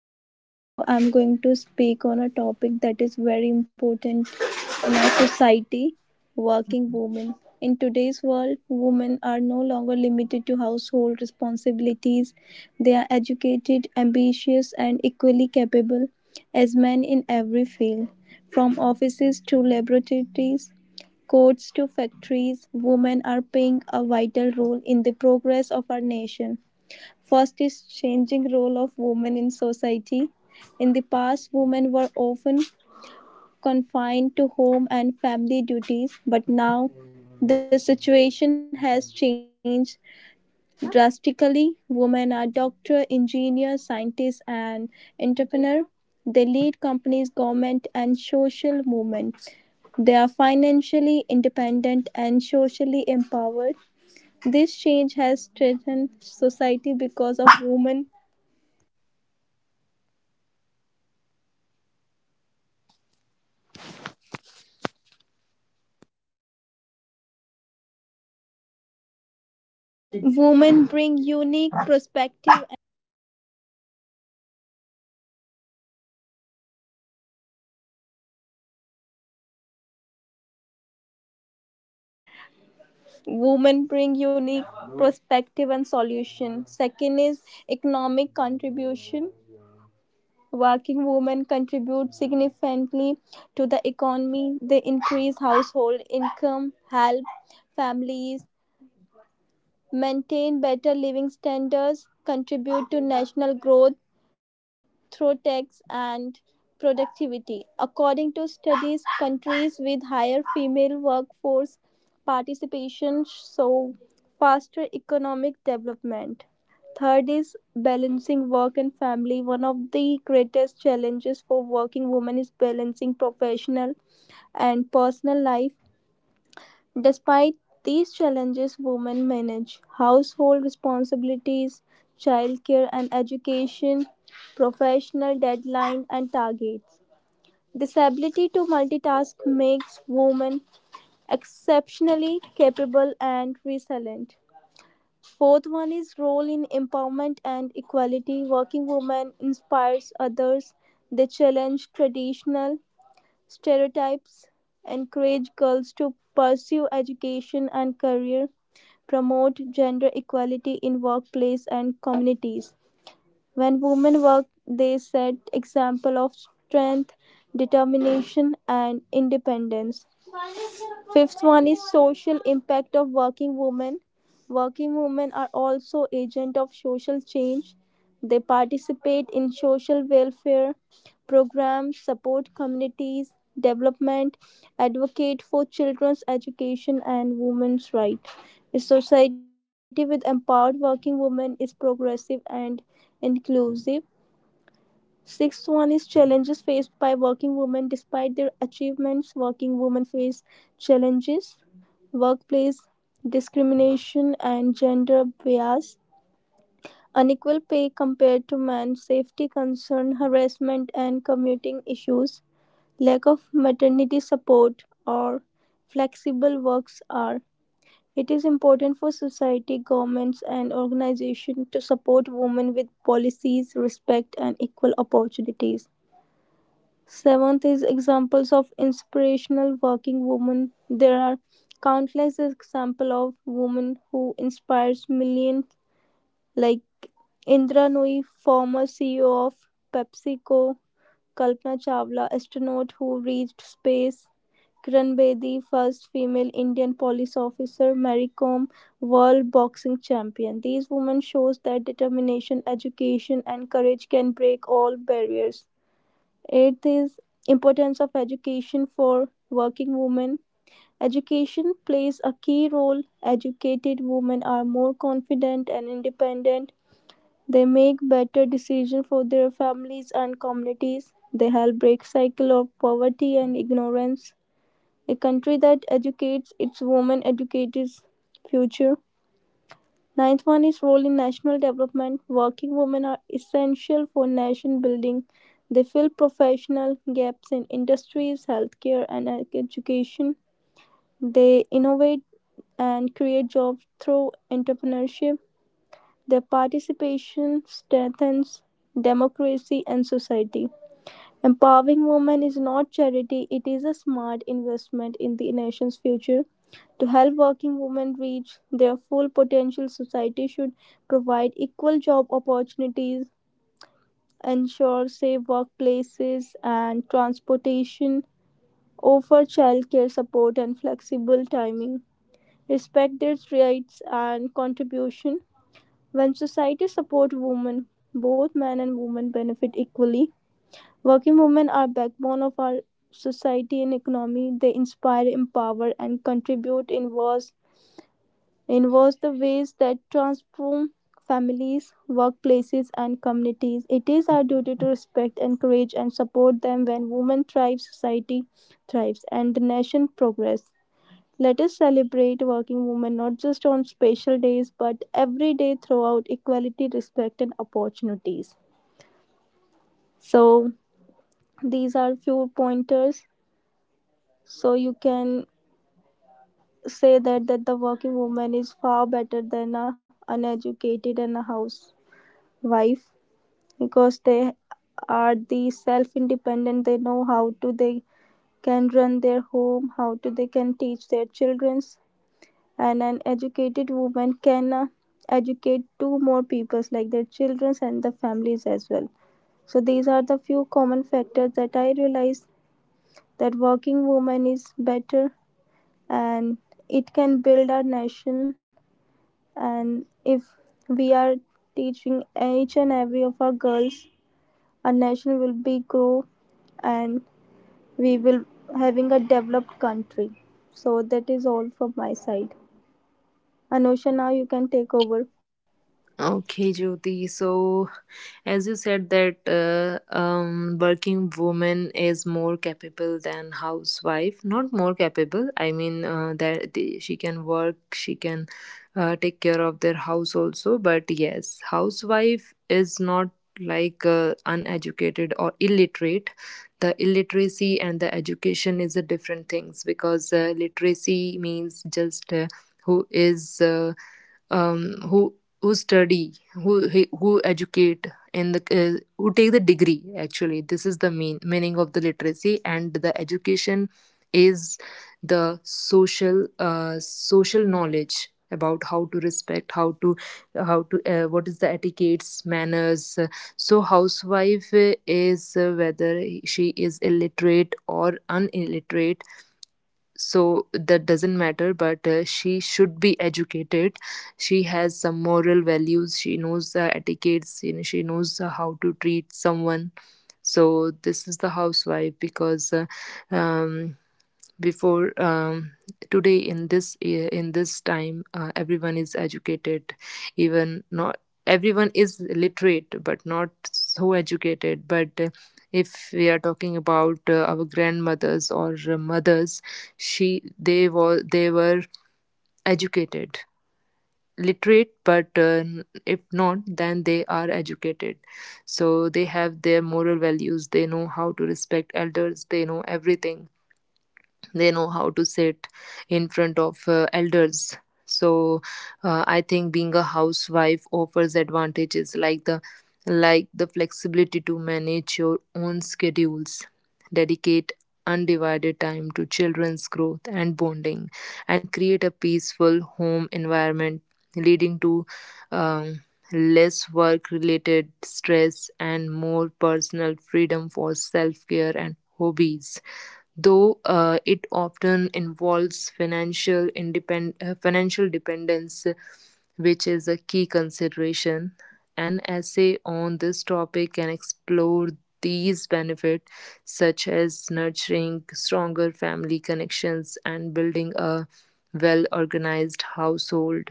Anusha. So I'm going to speak on a topic that is very important in our society, working women. In today's world, women are no longer limited to household responsibilities. They are educated, ambitious, and equally capable as men in every field, from offices to laboratories, courts to factories. Women are playing a vital role in the progress of our nation. First is changing role of women in society. In the past, women were often confined to home and family duties, but now the situation has changed drastically. Women are doctors, engineers, scientists, and entrepreneur. They lead companies, government, and social movements. They are financially independent and socially empowered. This change has strengthened society because of women. Women bring unique perspective. Women bring unique perspective and solution. Second is economic contribution. Working women contribute significantly to the economy. They increase household income, help families, maintain better living standards, contribute to national growth, through tax and productivity. According to studies, countries with higher female workforce participation show faster economic development. Third is balancing work and family. One of the greatest challenges for working women is balancing professional and personal life. Despite these challenges, women manage household responsibilities, childcare and education, professional deadlines and targets. This ability to multitask makes women exceptionally capable and resilient. Fourth one is role in empowerment and equality. Working women inspires others. They challenge traditional Stereotypes encourage girls to pursue education and career, promote gender equality in workplace and communities. When women work, they set example of strength, determination and independence. Fifth one is social impact of working women. Working women are also agent of social change. They participate in social welfare programs, support communities development, advocate for children's education and women's rights. A society with empowered working women is progressive and inclusive. Sixth one is challenges faced by working women. Despite their achievements, working women face challenges workplace discrimination and gender bias, unequal pay compared to men, safety concern, harassment and commuting issues, lack of maternity support or flexible works are. It is important for society, governments and organizations to support women with policies, respect and equal opportunities. Seventh is examples of inspirational working women. There are countless examples of women who inspires millions, like Indra Nooyi, former CEO of PepsiCo, Kalpana Chawla, astronaut who reached space, Kiran Bedi, first female Indian police officer, Mary Kom, world boxing champion. These women shows that determination, education, and courage can break all barriers. Eighth is importance of education for working women. Education plays a key role. Educated women are more confident and independent. They make better decisions for their families and communities. They help break cycle of poverty and ignorance. A country that educates its women educates its future. Ninth one is role in national development. Working women are essential for nation building. They fill professional gaps in industries, healthcare, and education. They innovate and create jobs through entrepreneurship. Their participation strengthens democracy and society. Empowering women is not charity, it is a smart investment in the nation's future. To help working women reach their full potential, society should provide equal job opportunities, ensure safe workplaces and transportation, offer childcare support and flexible timing, respect their rights and contribution. When society supports women, both men and women benefit equally. Working women are backbone of our society and economy. They inspire, empower, and contribute in vast the ways that transform families, workplaces, and communities. It is our duty to respect, encourage, and support them. When women thrive, society thrives, and the nation progresses. Let us celebrate working women not just on special days but every day throughout equality, respect, and opportunities. So, these are few pointers. So you can say that the working woman is far better than a uneducated and a housewife, because they are the self independent. They know how to, they can run their home, how to they can teach their childrens, and an educated woman can educate two more peoples like their childrens and the families as well. So these are the few common factors that I realize, that working woman is better and it can build our nation. And if we are teaching each and every of our girls, our nation will be grow and we will having a developed country. So that is all from my side. Anusha, now you can take over. Okay, Jyoti. So, as you said that working woman is more capable than housewife. Not more capable. I mean she can work. She can take care of their house also. But yes, housewife is not like uneducated or illiterate. The illiteracy and the education is a different things because literacy means just who is. Um, who who study, who educate, and who take the degree. Actually, this is the meaning of the literacy, and the education is the social knowledge about how to respect, how to what is the etiquettes, manners. So, housewife is whether she is illiterate or unilliterate, so that doesn't matter, but she should be educated. She has some moral values, she knows the etiquettes, she knows how to treat someone. So this is the housewife because um, before, today, in this year, in this time, everyone is educated. Even not everyone is literate but not so educated, but if we are talking about our grandmothers or mothers, she they were educated, literate, but if not then they are educated. So they have their moral values, they know how to respect elders, they know everything, they know how to sit in front of elders. So I think being a housewife offers advantages like the flexibility to manage your own schedules, dedicate undivided time to children's growth and bonding, and create a peaceful home environment, leading to um, less work related stress and more personal freedom for self care and hobbies, though it often involves financial dependence, which is a key consideration. An essay on this topic can explore these benefits, such as nurturing stronger family connections and building a well organized household,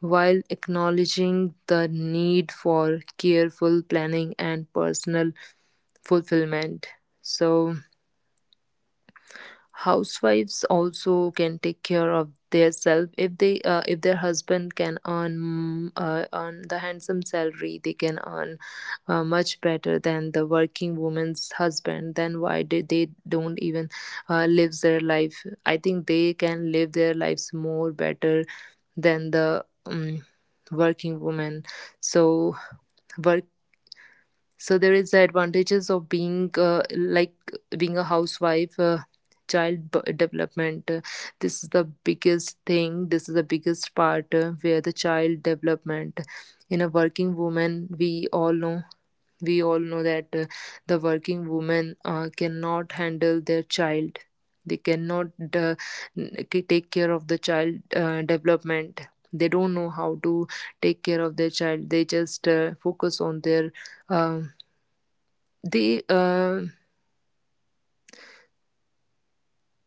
while acknowledging the need for careful planning and personal fulfillment. So, housewives also can take care of themselves if their husband can earn the handsome salary. They can earn much better than the working woman's husband, then why did they don't even live their life. I think they can live their lives more better than the working woman. So there is the advantages of being like being a housewife. Child development, this is the biggest thing. This is the biggest part, where the child development in a working woman. We all know that the working woman cannot handle their child. They cannot, uh, n- take care of the child development. They don't know how to take care of their child, they just focus on their. um they uh,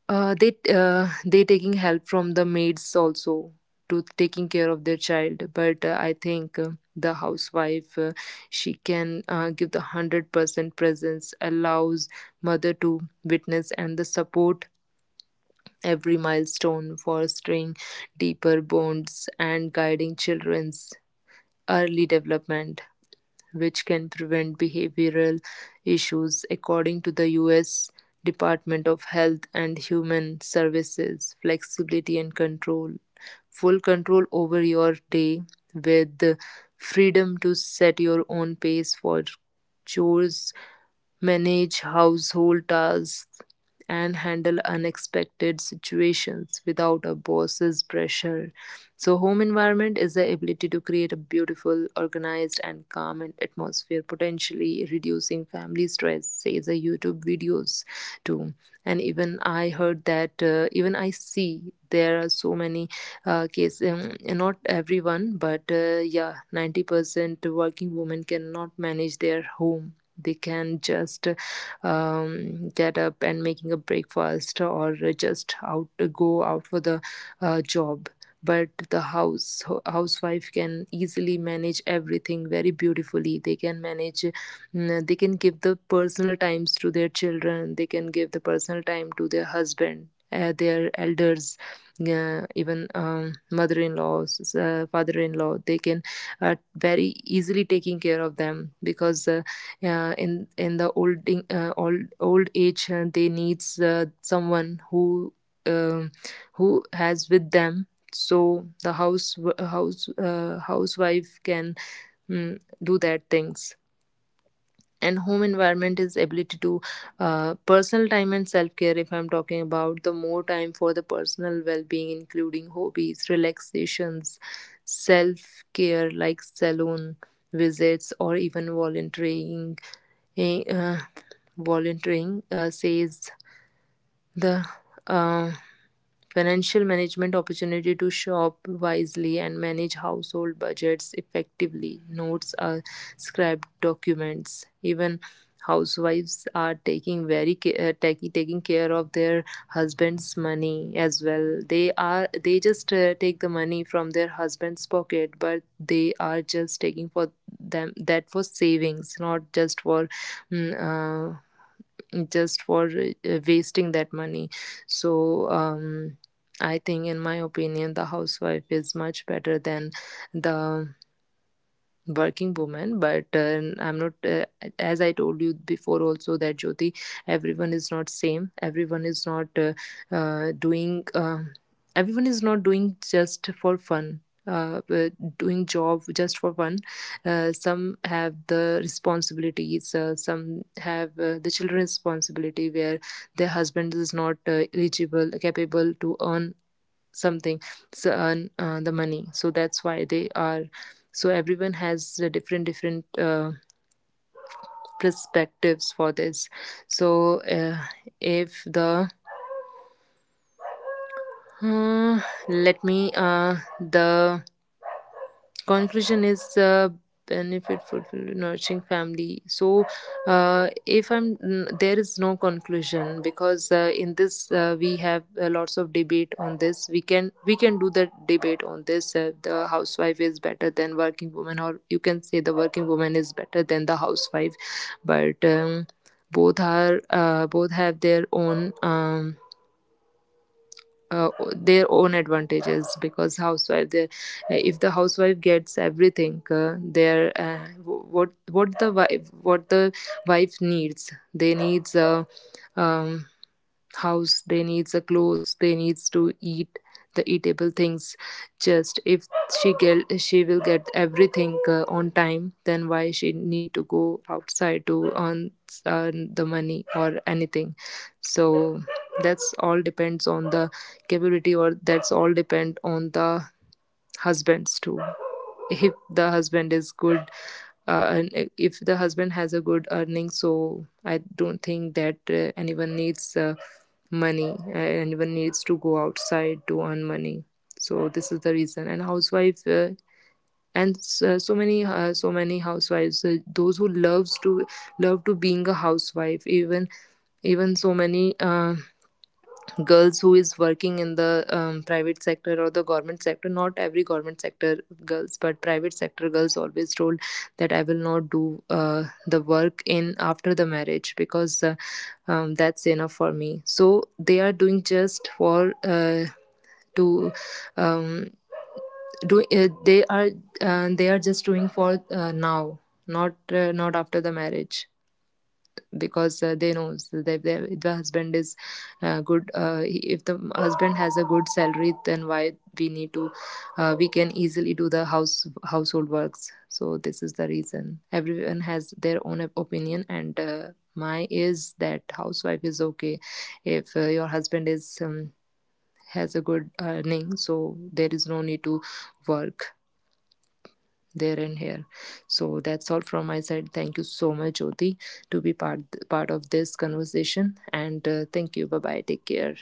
uh, they uh, they taking help from the maids also to taking care of their child, but I think the housewife, she can give the 100% presence, allows mother to witness and the support every milestone, fostering deeper bonds and guiding children's early development, which can prevent behavioral issues, according to the US Department of Health and Human Services. Flexibility and control. Full control over your day, with the freedom to set your own pace for chores, manage household tasks, and handle unexpected situations without a boss's pressure. So, home environment is the ability to create a beautiful, organized, and calm and atmosphere, potentially reducing family stress, say the YouTube videos too. And even I heard that, even I see there are so many cases, not everyone, but yeah, 90% working women cannot manage their home. They can just get up and making a breakfast, or just out go out for the job. But the housewife can easily manage everything very beautifully. They can manage, they can give the personal times to their children, they can give the personal time to their husband, their elders, even mother-in-laws, father-in-law, they can very easily taking care of them, because in the old in- old old age, they needs someone um who has with them. So the housewife can, do that things. And home environment is ability to, personal time and self-care. If I'm talking about the more time for the personal well-being, including hobbies, relaxations, self-care like salon visits, or even eh, uh, volunteering, says the uh, financial management opportunity to shop wisely and manage household budgets effectively, notes are scribed documents. Even housewives are taking very ca- taki- taking care of their husband's money as well. They just take the money from their husband's pocket, but they are just taking for them, that for savings, not mm, uh, just for wasting that money. So I think in my opinion the housewife is much better than the working woman, but I'm not as I told you before also, that, Jyoti, everyone is not same. Everyone is not uh, uh, doing um everyone is not doing just for fun. uh, uh, Doing job just for fun. Some have the responsibilities, some have the children responsibility, where their husband is not eligible capable to earn something. So earn the money, so that's why they are. So everyone has different different perspectives for this. So if the uh, let me the conclusion is benefit for nourishing family. So, if I'm mm, there is no conclusion because in this we have lots of debate on this. We can do the debate on this. The housewife is better than working woman, or you can say the working woman is better than the housewife, but. Both have their uh, own advantages, because housewife if the housewife gets everything their what the wife needs. They needs uh, um, house, they needs the clothes, they needs to eat the eatable things. Just if she will get everything on time, then why she need to go outside to earn the money or anything. So that's all depends on the capability, or that's all depend on the husbands too. If the husband is good and if the husband has a good earning, so I don't think that anyone needs to go outside to earn money. So this is the reason. And housewife. And so many housewives, those who love to being a housewife. Even so many girls who is working in the private sector or the government sector, not every government sector girls, but private sector girls always told that I will not do the work in after the marriage, because that's enough for me. So they are doing just for to um, do they are just doing for now. Not after the marriage, because they know if the husband is good, if the husband has a good salary, then why we need to, we can easily do the household works. So this is the reason, everyone has their own opinion, and my is that housewife is okay if your husband is, has a good earning, so there is no need to work there and here. So that's all from my side. Thank you so much, Jyoti, to be part of this conversation, and thank you. Bye bye, take care.